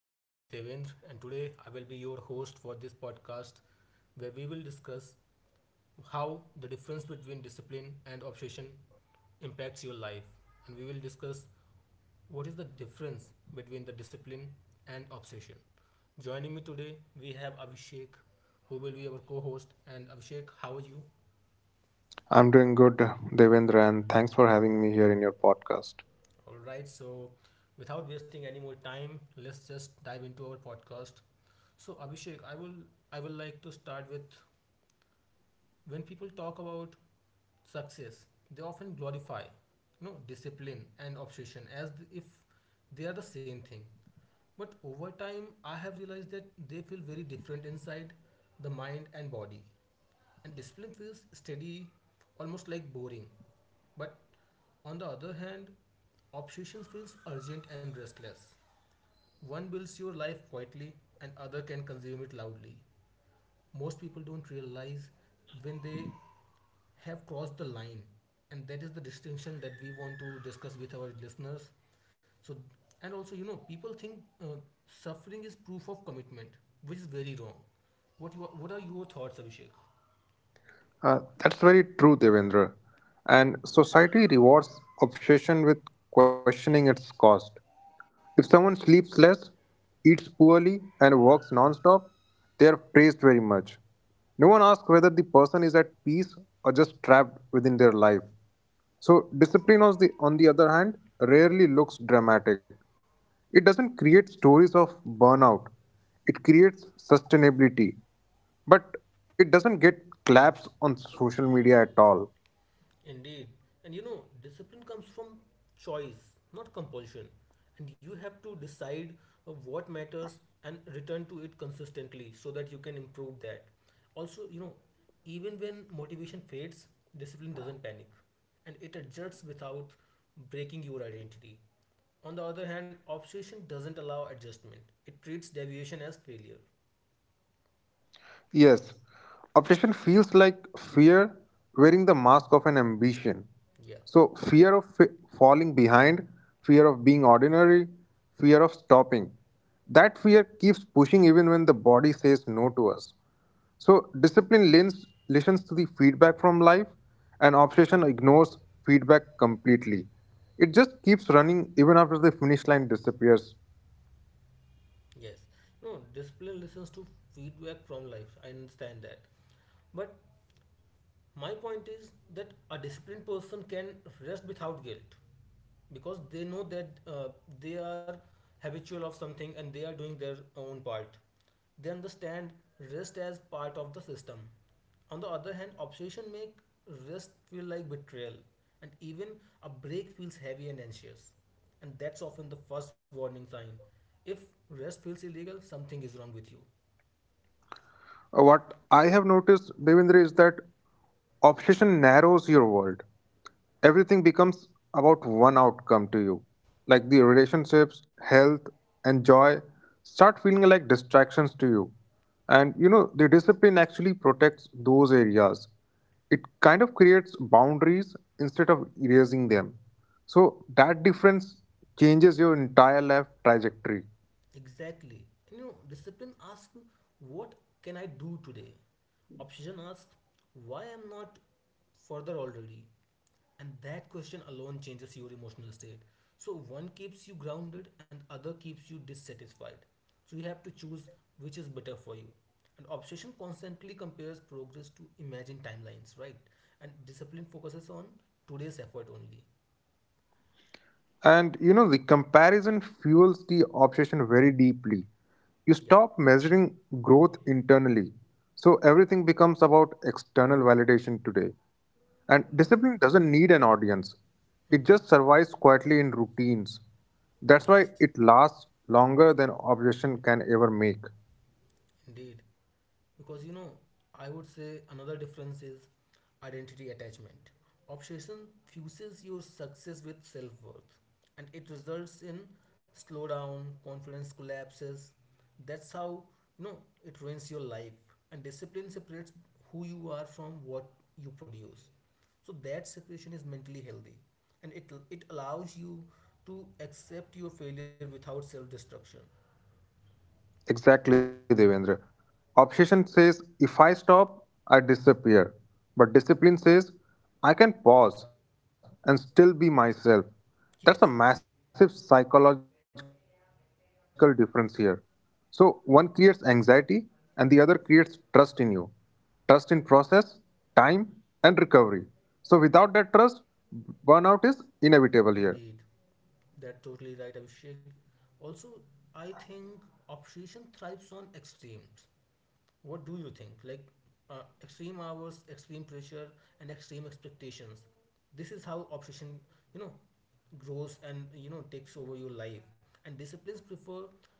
My name is Devendra, and today I will be your host for this podcast where we will discuss how the difference between discipline and obsession impacts your life. And we will discuss what is the difference between the discipline and obsession. Joining me today, we have Abhishek, who will be our co host. And Abhishek, how are you? I'm doing good, Devendra, and thanks for having me here in your podcast. All right, so without wasting any more time, let's just dive into our podcast. So Abhishek, I will like to start with when people talk about success, they often glorify, you know, discipline and obsession as if they are the same thing, but over time I have realized that they feel very different inside the mind and body. And discipline feels steady, almost like boring, but on the other hand, obsession feels urgent and restless. One builds your life quietly and other can consume it loudly. Most people don't realize when they have crossed the line, and that is the distinction that we want to discuss with our listeners. So, and also, you know, people think uh, suffering is proof of commitment, which is very wrong. What what are your thoughts, Abhishek? That's very true, Devendra. And society rewards obsession with questioning its cost. If someone sleeps less, eats poorly, and works non-stop, they are praised very much. No one asks whether the person is at peace or just trapped within their life. So, discipline, on the other hand, rarely looks dramatic. It doesn't create stories of burnout, it creates sustainability. But it doesn't get claps on social media at all. Indeed. And you know, discipline comes from choice, not compulsion. And you have to decide what matters and return to it consistently so that you can improve that. Also, you know, even when motivation fades, discipline doesn't panic, and it adjusts without breaking your identity. On the other hand, obsession doesn't allow adjustment. It treats deviation as failure. Yes, obsession feels like fear wearing the mask of an ambition. Yeah. So, falling behind, fear of being ordinary, fear of stopping. That fear keeps pushing even when the body says no to us. So, listens to the feedback from life, and obsession ignores feedback completely. It just keeps running even after the finish line disappears. Yes. No, discipline listens to feedback from life. I understand that. But my point is that a disciplined person can rest without guilt because they know that they are habitual of something and they are doing their own part. They understand rest as part of the system. On the other hand, obsession make rest feel like betrayal, and even a break feels heavy and anxious. And that's often the first warning sign. If rest feels illegal, something is wrong with you. What I have noticed, Devendra, is that obsession narrows your world. Everything becomes about one outcome to you. Like the relationships, health, and joy start feeling like distractions to you. And the discipline actually protects those areas. It kind of creates boundaries instead of erasing them. So that difference changes your entire life trajectory. Exactly. And you know, discipline asks, what can I do today? Obsession asks, why I'm not further already? And that question alone changes your emotional state. So one keeps you grounded and other keeps you dissatisfied. So you have to choose which is better for you. And obsession constantly compares progress to imagined timelines, right? And discipline focuses on today's effort only. And the comparison fuels the obsession very deeply. You Yeah. stop measuring growth internally. So everything becomes about external validation today. And discipline doesn't need an audience, it just Hmm. survives quietly in routines. That's why Yes. it lasts longer than obsession can ever make. Indeed. Because you know, I would say another difference is identity attachment. Obsession fuses your success with self worth, and it results in slowdown, confidence collapses. That's how, you know, it ruins your life. And discipline separates who you are from what you produce. So that separation is mentally healthy, and it allows you to accept your failure without self destruction. Exactly, Devendra. Obsession says, if I stop, I disappear. But discipline says, I can pause and still be myself. That's a massive Yes. psychological difference here. So, one creates anxiety and the other creates trust in you. Trust in process, time, and recovery. So, without that trust, burnout is inevitable here. Indeed, that's totally right, Abhishek. Also, I think obsession thrives on extremes. What do you think? Like, extreme hours, extreme pressure, and extreme expectations. This is how obsession, you know, grows and, you know, takes over your life. And disciplines prefer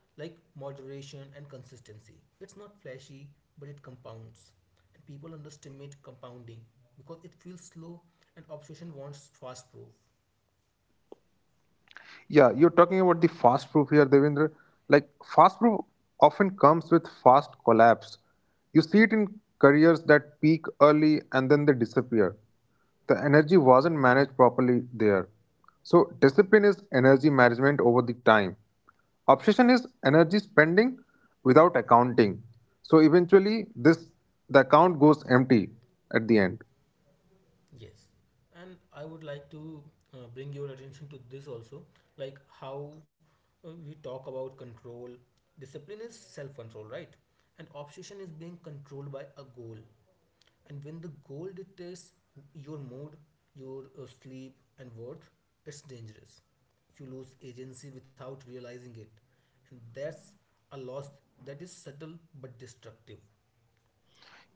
like moderation and consistency. It's not flashy, but it compounds. And people underestimate compounding because it feels slow, and obsession wants fast proof. Yeah, you're talking about the fast proof here, Devendra. Like, fast proof often comes with fast collapse. You see it in careers that peak early and then they disappear. The energy wasn't managed properly there. So, discipline is energy management over the time. Obsession is energy spending without accounting. So, eventually, this the account goes empty at the end. Yes, and I would like to bring your attention to this also, like how we talk about control. Discipline is self control, right? And obsession is being controlled by a goal. And when the goal dictates your mood, your sleep, and worth, it's dangerous. You lose agency without realizing it. And that's a loss that is subtle but destructive.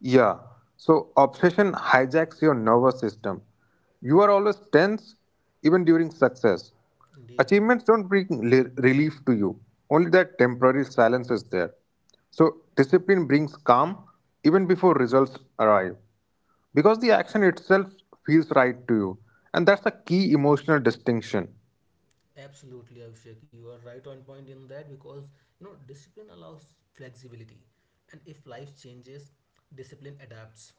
Yeah. So obsession hijacks your nervous system. You are always tense, even during success. Indeed. Achievements don't bring relief to you, only that temporary silence is there. So discipline brings calm even before results arrive because the action itself feels right to you, and that's a key emotional distinction. Absolutely, Abhishek. You are right on point in that because, you know, discipline allows flexibility, and if life changes, discipline adapts,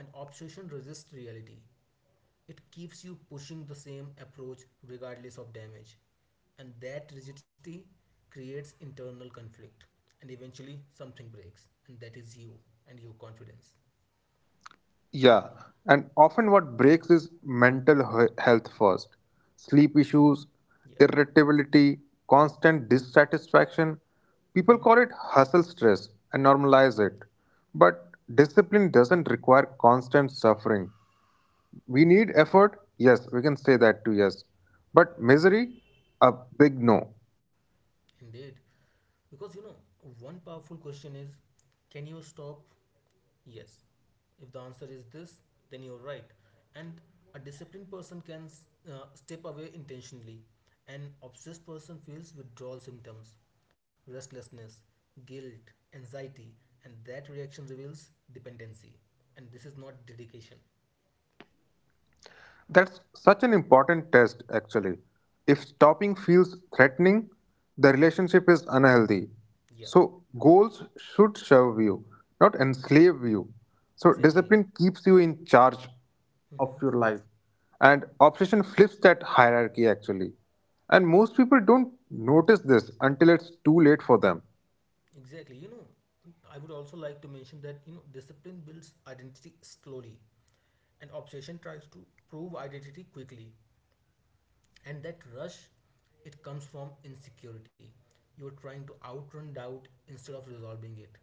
and obsession resists reality. It keeps you pushing the same approach regardless of damage, and that rigidity creates internal conflict, and eventually something breaks, and that is you and your confidence. Yeah, and often what breaks is health first. Sleep issues, Yeah. irritability, constant dissatisfaction. People Hmm. call it hustle stress and normalize it. But discipline doesn't require constant suffering. We need effort, yes, we can say that too, yes. But misery, a big no. Indeed. Because you know, one powerful question is, can you stop? Yes. If the answer is this, then you're right. And a disciplined person can step away intentionally. An obsessed person feels withdrawal symptoms, restlessness, guilt, anxiety, and that reaction reveals dependency. And this is not dedication. That's such an important test, actually. If stopping feels threatening, the relationship is unhealthy. Yeah, So, goals should serve you, not enslave you. So, exactly. discipline keeps you in charge, Hmm. and obsession flips that hierarchy, actually. And most people don't notice this until it's too late for them. Exactly. You know, I would also like to mention that, you know, discipline builds identity slowly, and obsession tries to prove identity quickly. And that rush, it comes from insecurity. You're trying to outrun doubt instead of resolving it,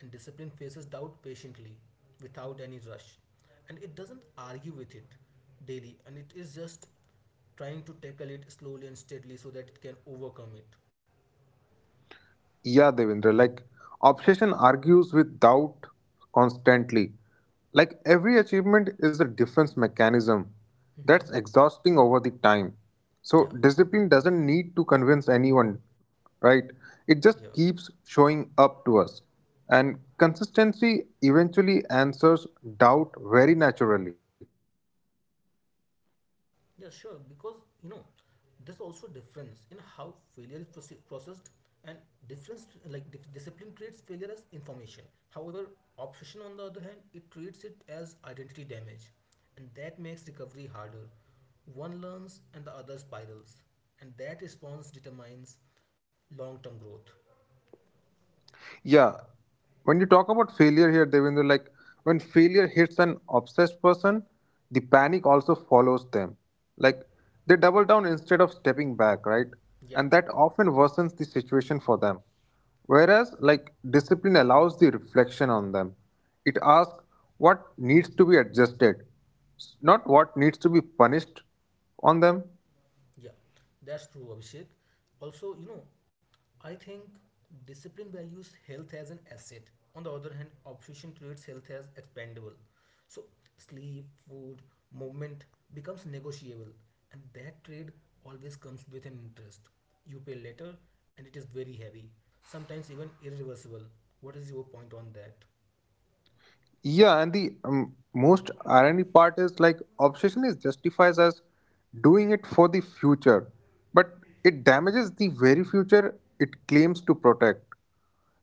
and discipline faces doubt patiently without any rush, and it doesn't argue with it daily, and it is just trying to tackle it slowly and steadily so that it can overcome it. Yeah, Devendra, like obsession argues with doubt constantly. Like every achievement is a defense mechanism Hmm. that's exhausting over the time. Yeah. So discipline doesn't need to convince anyone, right? It Yeah. just keeps showing up to us. And consistency eventually answers doubt very naturally. Yeah, sure. Because you know, there's also difference in how failure is processed, and difference like discipline treats failure as information. However, obsession on the other hand, it treats it as identity damage, and that makes recovery harder. One learns, and the other spirals, and that response determines long-term growth. Yeah. When you talk about failure here, Devendra, like when failure hits an obsessed person, the panic also follows them. Like they double down instead of stepping back, right? Yeah. And that often worsens the situation for them. Whereas, like, discipline allows the reflection on them. It asks what needs to be adjusted, not what needs to be punished on them. Yeah, that's true, Abhishek. Also, you know, I think discipline values health as an asset. On the other hand, obsession treats health as expendable. So, sleep, food, movement becomes negotiable, and that trade always comes with an interest. You pay later, and it is very heavy, sometimes even irreversible. What is your point on that? Yeah, and the most irony part is like obsession is justifies as doing it for the future, but it damages the very future it claims to protect.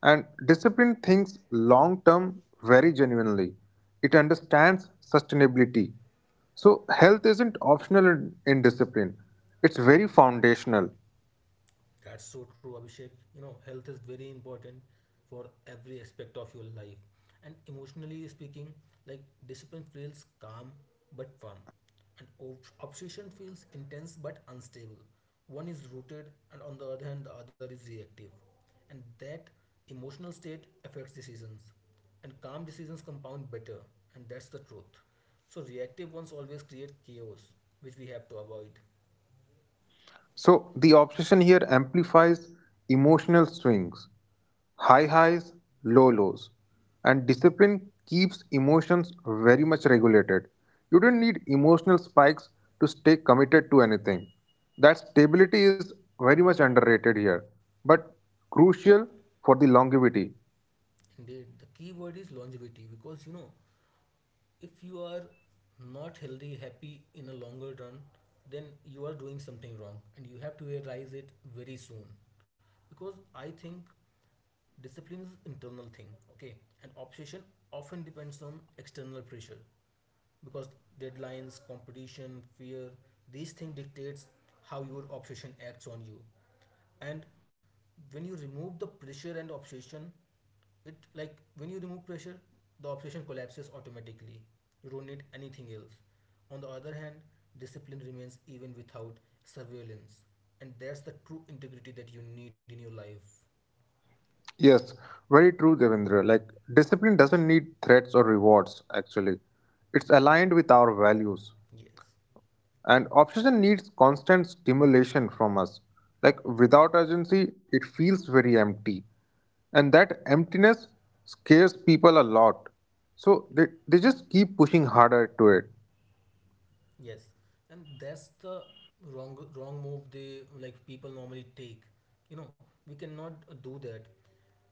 And discipline thinks long term very genuinely. It understands sustainability. So health isn't optional in discipline. It's very foundational. That's so true, Abhishek. You know, health is very important for every aspect of your life. And emotionally speaking, like discipline feels calm but firm, and obsession feels intense but unstable. One is rooted, and on the other hand, the other is reactive. And that emotional state affects decisions, and calm decisions compound better, and that's the truth. So, reactive ones always create chaos, which we have to avoid. So the obsession here amplifies emotional swings, high highs, low lows, and discipline keeps emotions very much regulated. You don't need emotional spikes to stay committed to anything. That stability is very much underrated here, but crucial for the longevity. Indeed, the key word is longevity because, you know, if you are not healthy, happy in a longer run, then you are doing something wrong and you have to realize it very soon. Because I think discipline is internal thing, okay? And obsession often depends on external pressure because deadlines, competition, fear, these things dictates how your obsession acts on you. And when you remove the pressure and obsession, it like when you remove pressure, the obsession collapses automatically. You don't need anything else. On the other hand, discipline remains even without surveillance, and that's the true integrity that you need in your life. Yes, very true, Devendra. Like, discipline doesn't need threats or rewards, actually. It's aligned with our values. Yes. And obsession needs constant stimulation from us. Like without urgency, it feels very empty. And that emptiness scares people a lot. So they just keep pushing harder to it. Yes, and that's the wrong move they like people normally take. You know, we cannot do that.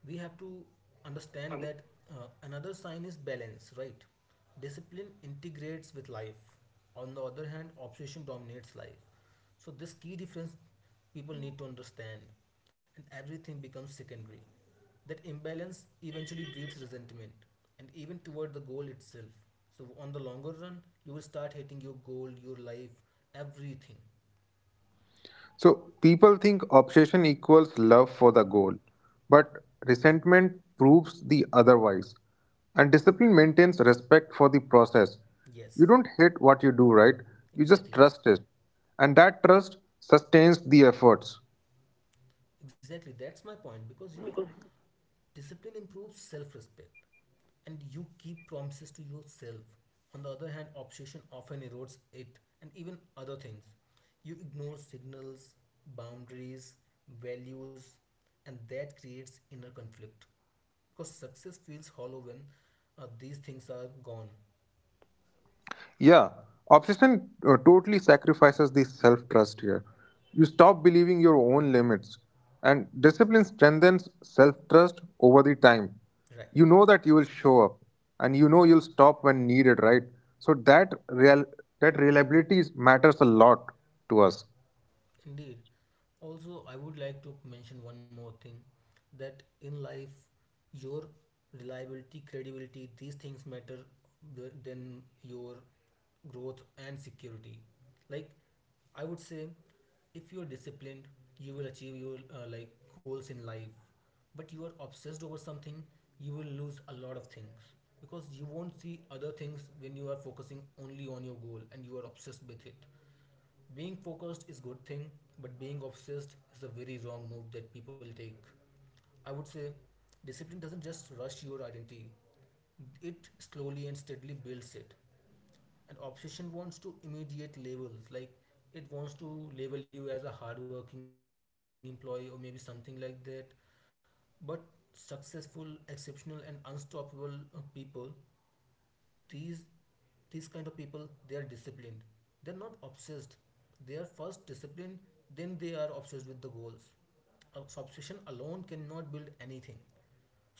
We have to understand that, another sign is balance, right? Discipline integrates with life. On the other hand, obsession dominates life. So this key difference people need to understand, and everything becomes secondary. That imbalance eventually breeds resentment and even toward the goal itself. So on the longer run, you will start hating your goal, your life, everything. So people think obsession equals love for the goal, but resentment proves the otherwise. And discipline maintains respect for the process. You Yes, don't hate what you do, right? You just exactly. trust it. And that trust sustains the efforts. Exactly, that's my point because, you know, discipline improves self respect, and you keep promises to yourself. On the other hand, obsession often erodes it and even other things. You ignore signals, boundaries, values, and that creates inner conflict because success feels hollow when these things are gone. Yeah, obsession totally sacrifices the self trust here. You stop believing your own limits, and discipline strengthens self trust over the time. Right. You know that you will show up, and you know you'll stop when needed, right? So that real that matters a lot to us. Indeed. Also, I would like to mention one more thing that in life, your reliability, credibility, these things matter than your growth and security. Like, I would say, if you are disciplined, you will achieve your like goals in life. But you are obsessed over something, you will lose a lot of things because you won't see other things when you are focusing only on your goal and you are obsessed with it. Being focused is good thing, but being obsessed is a very wrong move that people take. I would say discipline doesn't just rush your identity. It slowly and steadily builds it. And obsession wants to immediate labels, like it wants to label you as a hardworking employee or maybe something like that. But successful, exceptional, and unstoppable people, these these kind of people, they are disciplined, they're not obsessed. They are first disciplined, then they are obsessed with the goals. Obsession alone cannot build anything,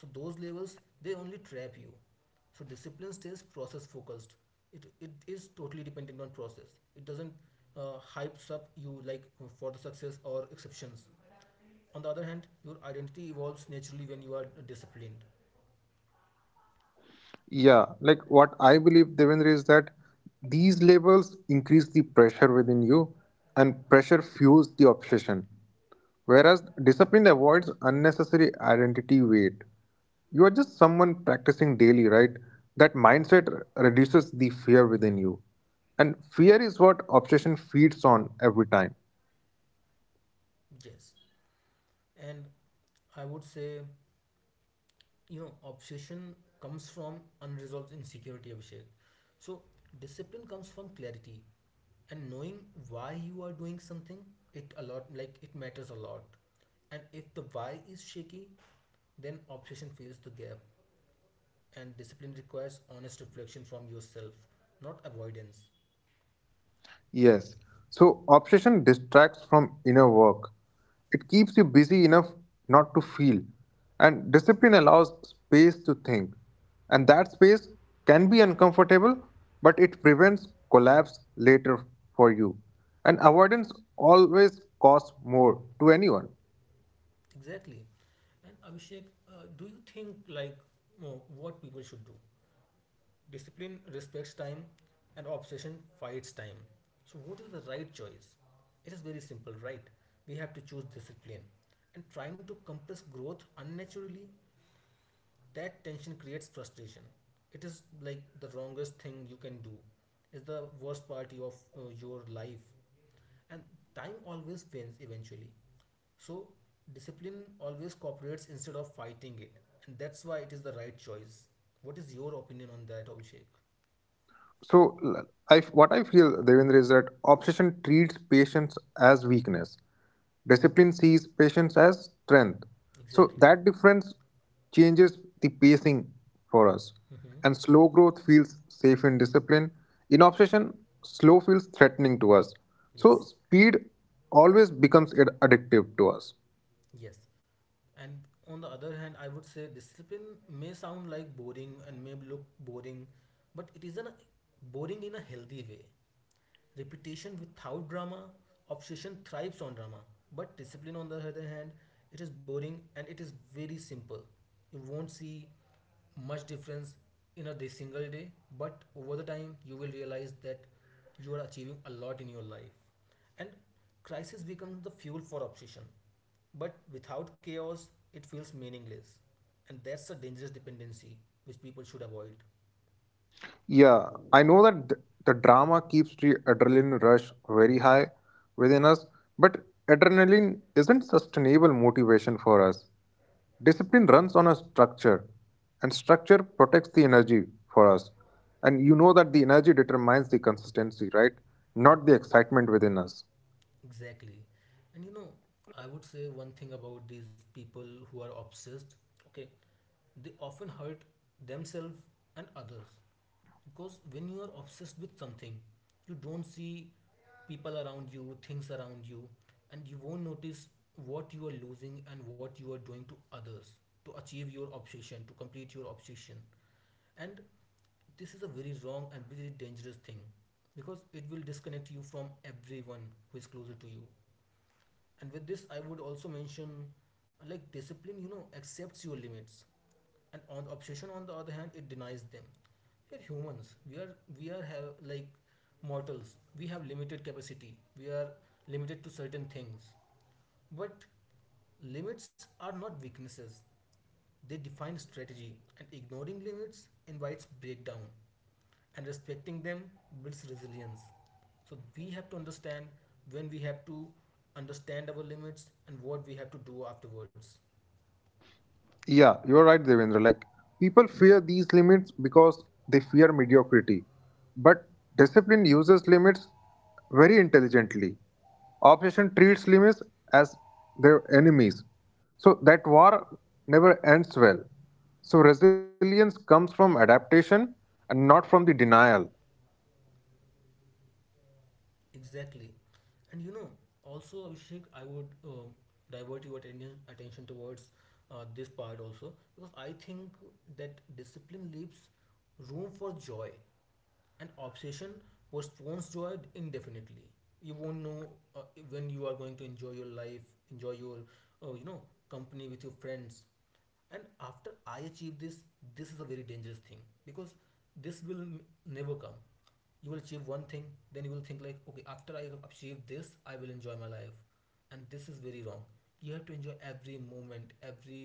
so those levels they only trap you. So discipline stays process focused. It is totally dependent on process. It doesn't hypes up you like for the success or exceptions. On the other hand, your identity evolves naturally when you are disciplined. Yeah, like what I believe, Devendra, is that these labels increase the pressure within you and pressure fuels the obsession. Whereas discipline avoids unnecessary identity weight. You are just someone practicing daily, right? That mindset reduces the fear within you. And fear is what obsession feeds on every time. Yes. And I would say, you know, obsession comes from unresolved insecurity, Abhishek. So, discipline comes from clarity and knowing why you are doing something, it a lot like it matters a lot. And if the why is shaky, then obsession fills the gap. And discipline requires honest reflection from yourself, not avoidance. Yes. So obsession distracts from inner work. It keeps you busy enough not to feel. And discipline allows space to think. And that space can be uncomfortable, but it prevents collapse later for you. And avoidance always costs more to anyone. Exactly. And Abhishek, do you think like, oh, what people should do? Discipline respects time and obsession fights time. So, what is the right choice? It is very simple, right? We have to choose discipline. And trying to compress growth unnaturally, that tension creates frustration. It is like the wrongest thing you can do. It's the worst party of your life. And time always wins eventually. So, discipline always cooperates instead of fighting it. And that's why it is the right choice. What is your opinion on that, Abhishek? So, what I feel, Devendra, is that obsession treats patience as weakness. Discipline sees patience as strength. So, Exactly. that difference changes the pacing for us. Mm-hmm. And slow growth feels safe in discipline. In obsession, slow feels threatening to us. So, Yes. speed always becomes addictive to us. Yes. And on the other hand, I would say discipline may sound like boring and may look boring, but it is an boring in a healthy way. Repetition without drama, obsession thrives on drama. But discipline, on the other hand, it is boring and it is very simple. You won't see much difference in a day, single day, but over the time, you will realize that you are achieving a lot in your life. And crisis becomes the fuel for obsession but without chaos, it feels meaningless. And that's a dangerous dependency which people should avoid. Yeah, I know that the drama keeps the adrenaline rush very high within us, but adrenaline isn't sustainable motivation for us. Discipline runs on a structure, and structure protects the energy for us. And you know that the energy determines the consistency, right? Not the excitement within us. Exactly. And you know, I would say one thing about these people who are obsessed, okay, they often hurt themselves and others. Because when you are obsessed with something, you don't see people around you, things around you, and you won't notice what you are losing and what you are doing to others to achieve your obsession, to complete your obsession. And this is a very wrong and very dangerous thing because it will disconnect you from everyone who is closer to you. And with this, I would also mention like discipline, you know, accepts your limits, and on obsession, on the other hand, it denies them. We are humans. We are have like mortals. We have limited capacity. We are limited to certain things. But limits are not weaknesses, they define strategy, and ignoring limits invites breakdown, and respecting them builds resilience. So, we have to understand when we have to understand our limits and what we have to do afterwards. Yeah, you're right, Devendra. Like, people fear these limits because they fear mediocrity. But discipline uses limits very intelligently. Obsession treats limits as their enemies. So that war never ends well. So resilience comes from adaptation and not from the denial. Exactly. And you know, also Abhishek, I would divert your attention towards this part also because I think that discipline leaves room for joy, and obsession postpones joy indefinitely. You won't know uh, when you are going to enjoy your life, enjoy your uh, you know company with your friends, and after I achieve this, this is a very dangerous thing because this never come. You will achieve one thing, then you will think like okay, after I have achieved this I will enjoy my life, and this is very wrong. You have to enjoy every moment, every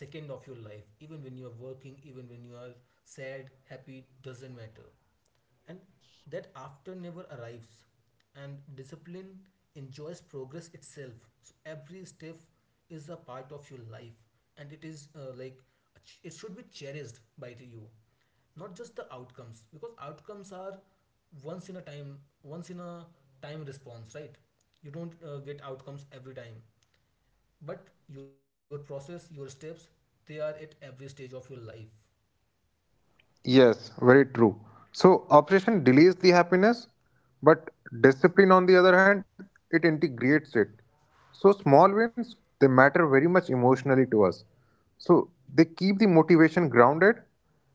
second of your life, even when you are working, even when you are sad, happy, doesn't matter. And that after never arrives, and discipline enjoys progress itself, so every step is a part of your life, and it is like it should be cherished by you, not just the outcomes, because outcomes are once in a time response, right? You don't get outcomes every time, but your process, your steps, they are at every stage of your life. Yes, very true. So obsession delays the happiness, but discipline, on the other hand, it integrates it. So small wins, they matter very much emotionally to us. So they keep the motivation grounded,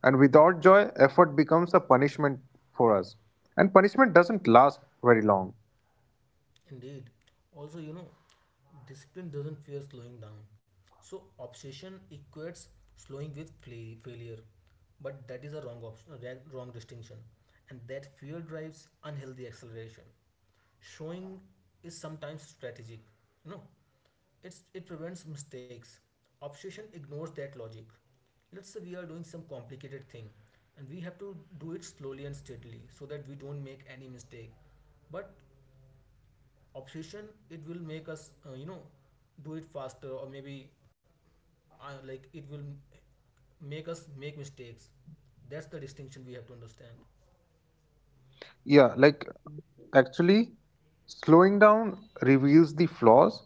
and without joy, effort becomes a punishment for us. And punishment doesn't last very long. Indeed. Also, you know, discipline doesn't fear slowing down. So, obsession equates slowing with failure. But that is a wrong option, a wrong distinction. And that fear drives unhealthy acceleration. Showing is sometimes strategic. You know, it prevents mistakes. Obsession ignores that logic. Let's say we are doing some complicated thing and we have to do it slowly and steadily so that we don't make any mistake. But obsession, it will make us do it faster, or maybe like it will make us make mistakes. That's the distinction we have to understand. Yeah, like actually, slowing down reveals the flaws,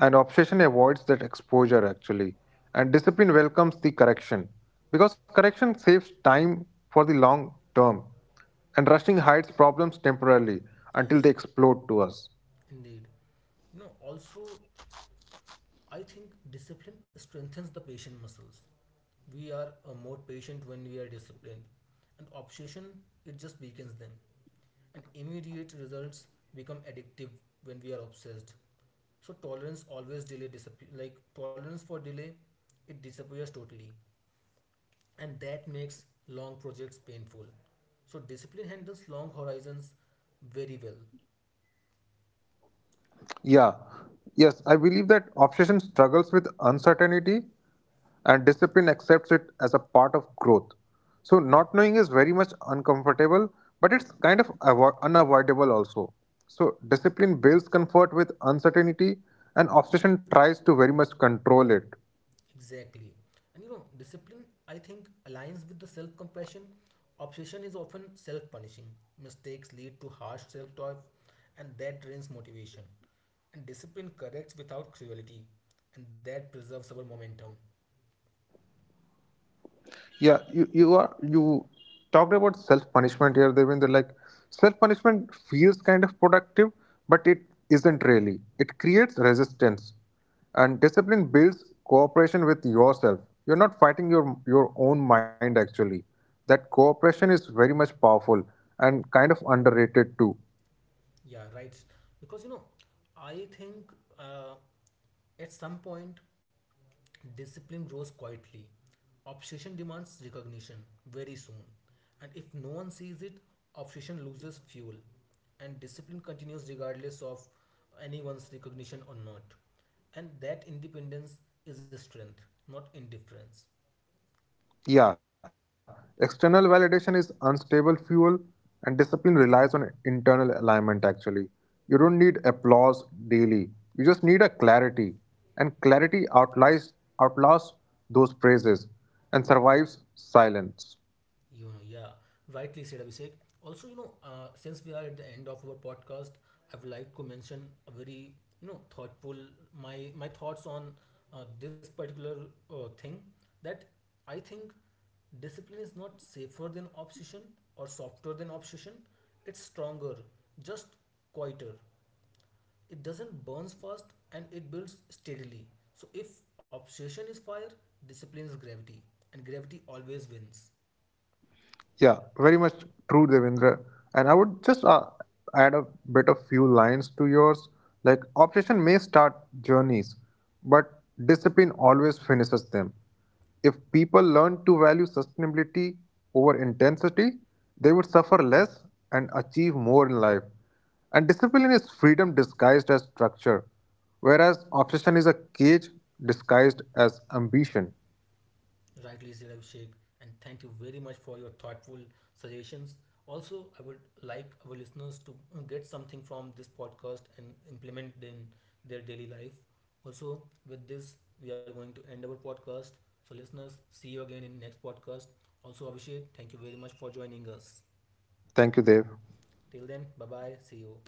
and obsession avoids that exposure actually. And discipline welcomes the correction because correction saves time for the long term, and rushing hides problems temporarily until they Yes, explode to us. indeed. You know, also, I think discipline strengthens the patient muscles. We are more patient when we are disciplined, and obsession, it just weakens them, and immediate results become addictive when we are obsessed. So tolerance always delay disappear, like tolerance for delay, it disappears totally, and that makes long projects painful. So discipline handles long horizons very well. Yeah. Yes, I believe that obsession struggles with uncertainty and discipline accepts it as a part of growth. So, not knowing is very much uncomfortable, but it's kind of unavoidable also. So, discipline builds comfort with uncertainty, and obsession tries to very much control it. Exactly. And you know, discipline, I think, aligns with the self compassion. Obsession is often self punishing. Mistakes lead to harsh self talk, and that drains motivation. And discipline corrects without cruelty, and that preserves our momentum. Yeah, you talked about self punishment here, Devinder. Like self punishment feels kind of productive, but it isn't really. It creates resistance, and discipline builds cooperation with yourself. You're not fighting your own mind actually. That cooperation is very much powerful and kind of underrated too. Yeah, right. Because you know, I think uh, at some point discipline grows quietly. Obsession demands recognition very soon. And if no one sees it, obsession loses fuel. And discipline continues regardless of anyone's recognition or not. And that independence is a strength, not indifference. Yeah, external validation is unstable fuel, and discipline relies on internal alignment actually. You don't need applause daily, you just need a clarity. And clarity outlasts those praises and survives silence. You know, yeah, rightly said Abhishek. Also, you know, since we are at the end of our podcast, I would like to mention a very you know thoughtful my thoughts on this particular thing that I think discipline is not safer than obsession or softer than obsession. It's stronger, just quieter. It doesn't burns fast and it builds steadily. So if obsession is fire, discipline is gravity, and gravity always wins. Yeah, very much true, Devendra. And I would just add a bit of few lines to yours. Like, obsession may start journeys, but discipline always finishes them. If people learn to value sustainability over intensity, they would suffer less and achieve more in life. And discipline is freedom disguised as structure, whereas obsession is a cage disguised as ambition. Rightly said, Abhishek, and thank you very much for your thoughtful suggestions. Also, I would like our listeners to get something from this podcast and implement them in their daily life. Also, with this, we are going to end our podcast. So, listeners, see you again in next podcast. Also, Abhishek, thank you very much for joining us. Thank you, Dev. Till then, bye bye. See you.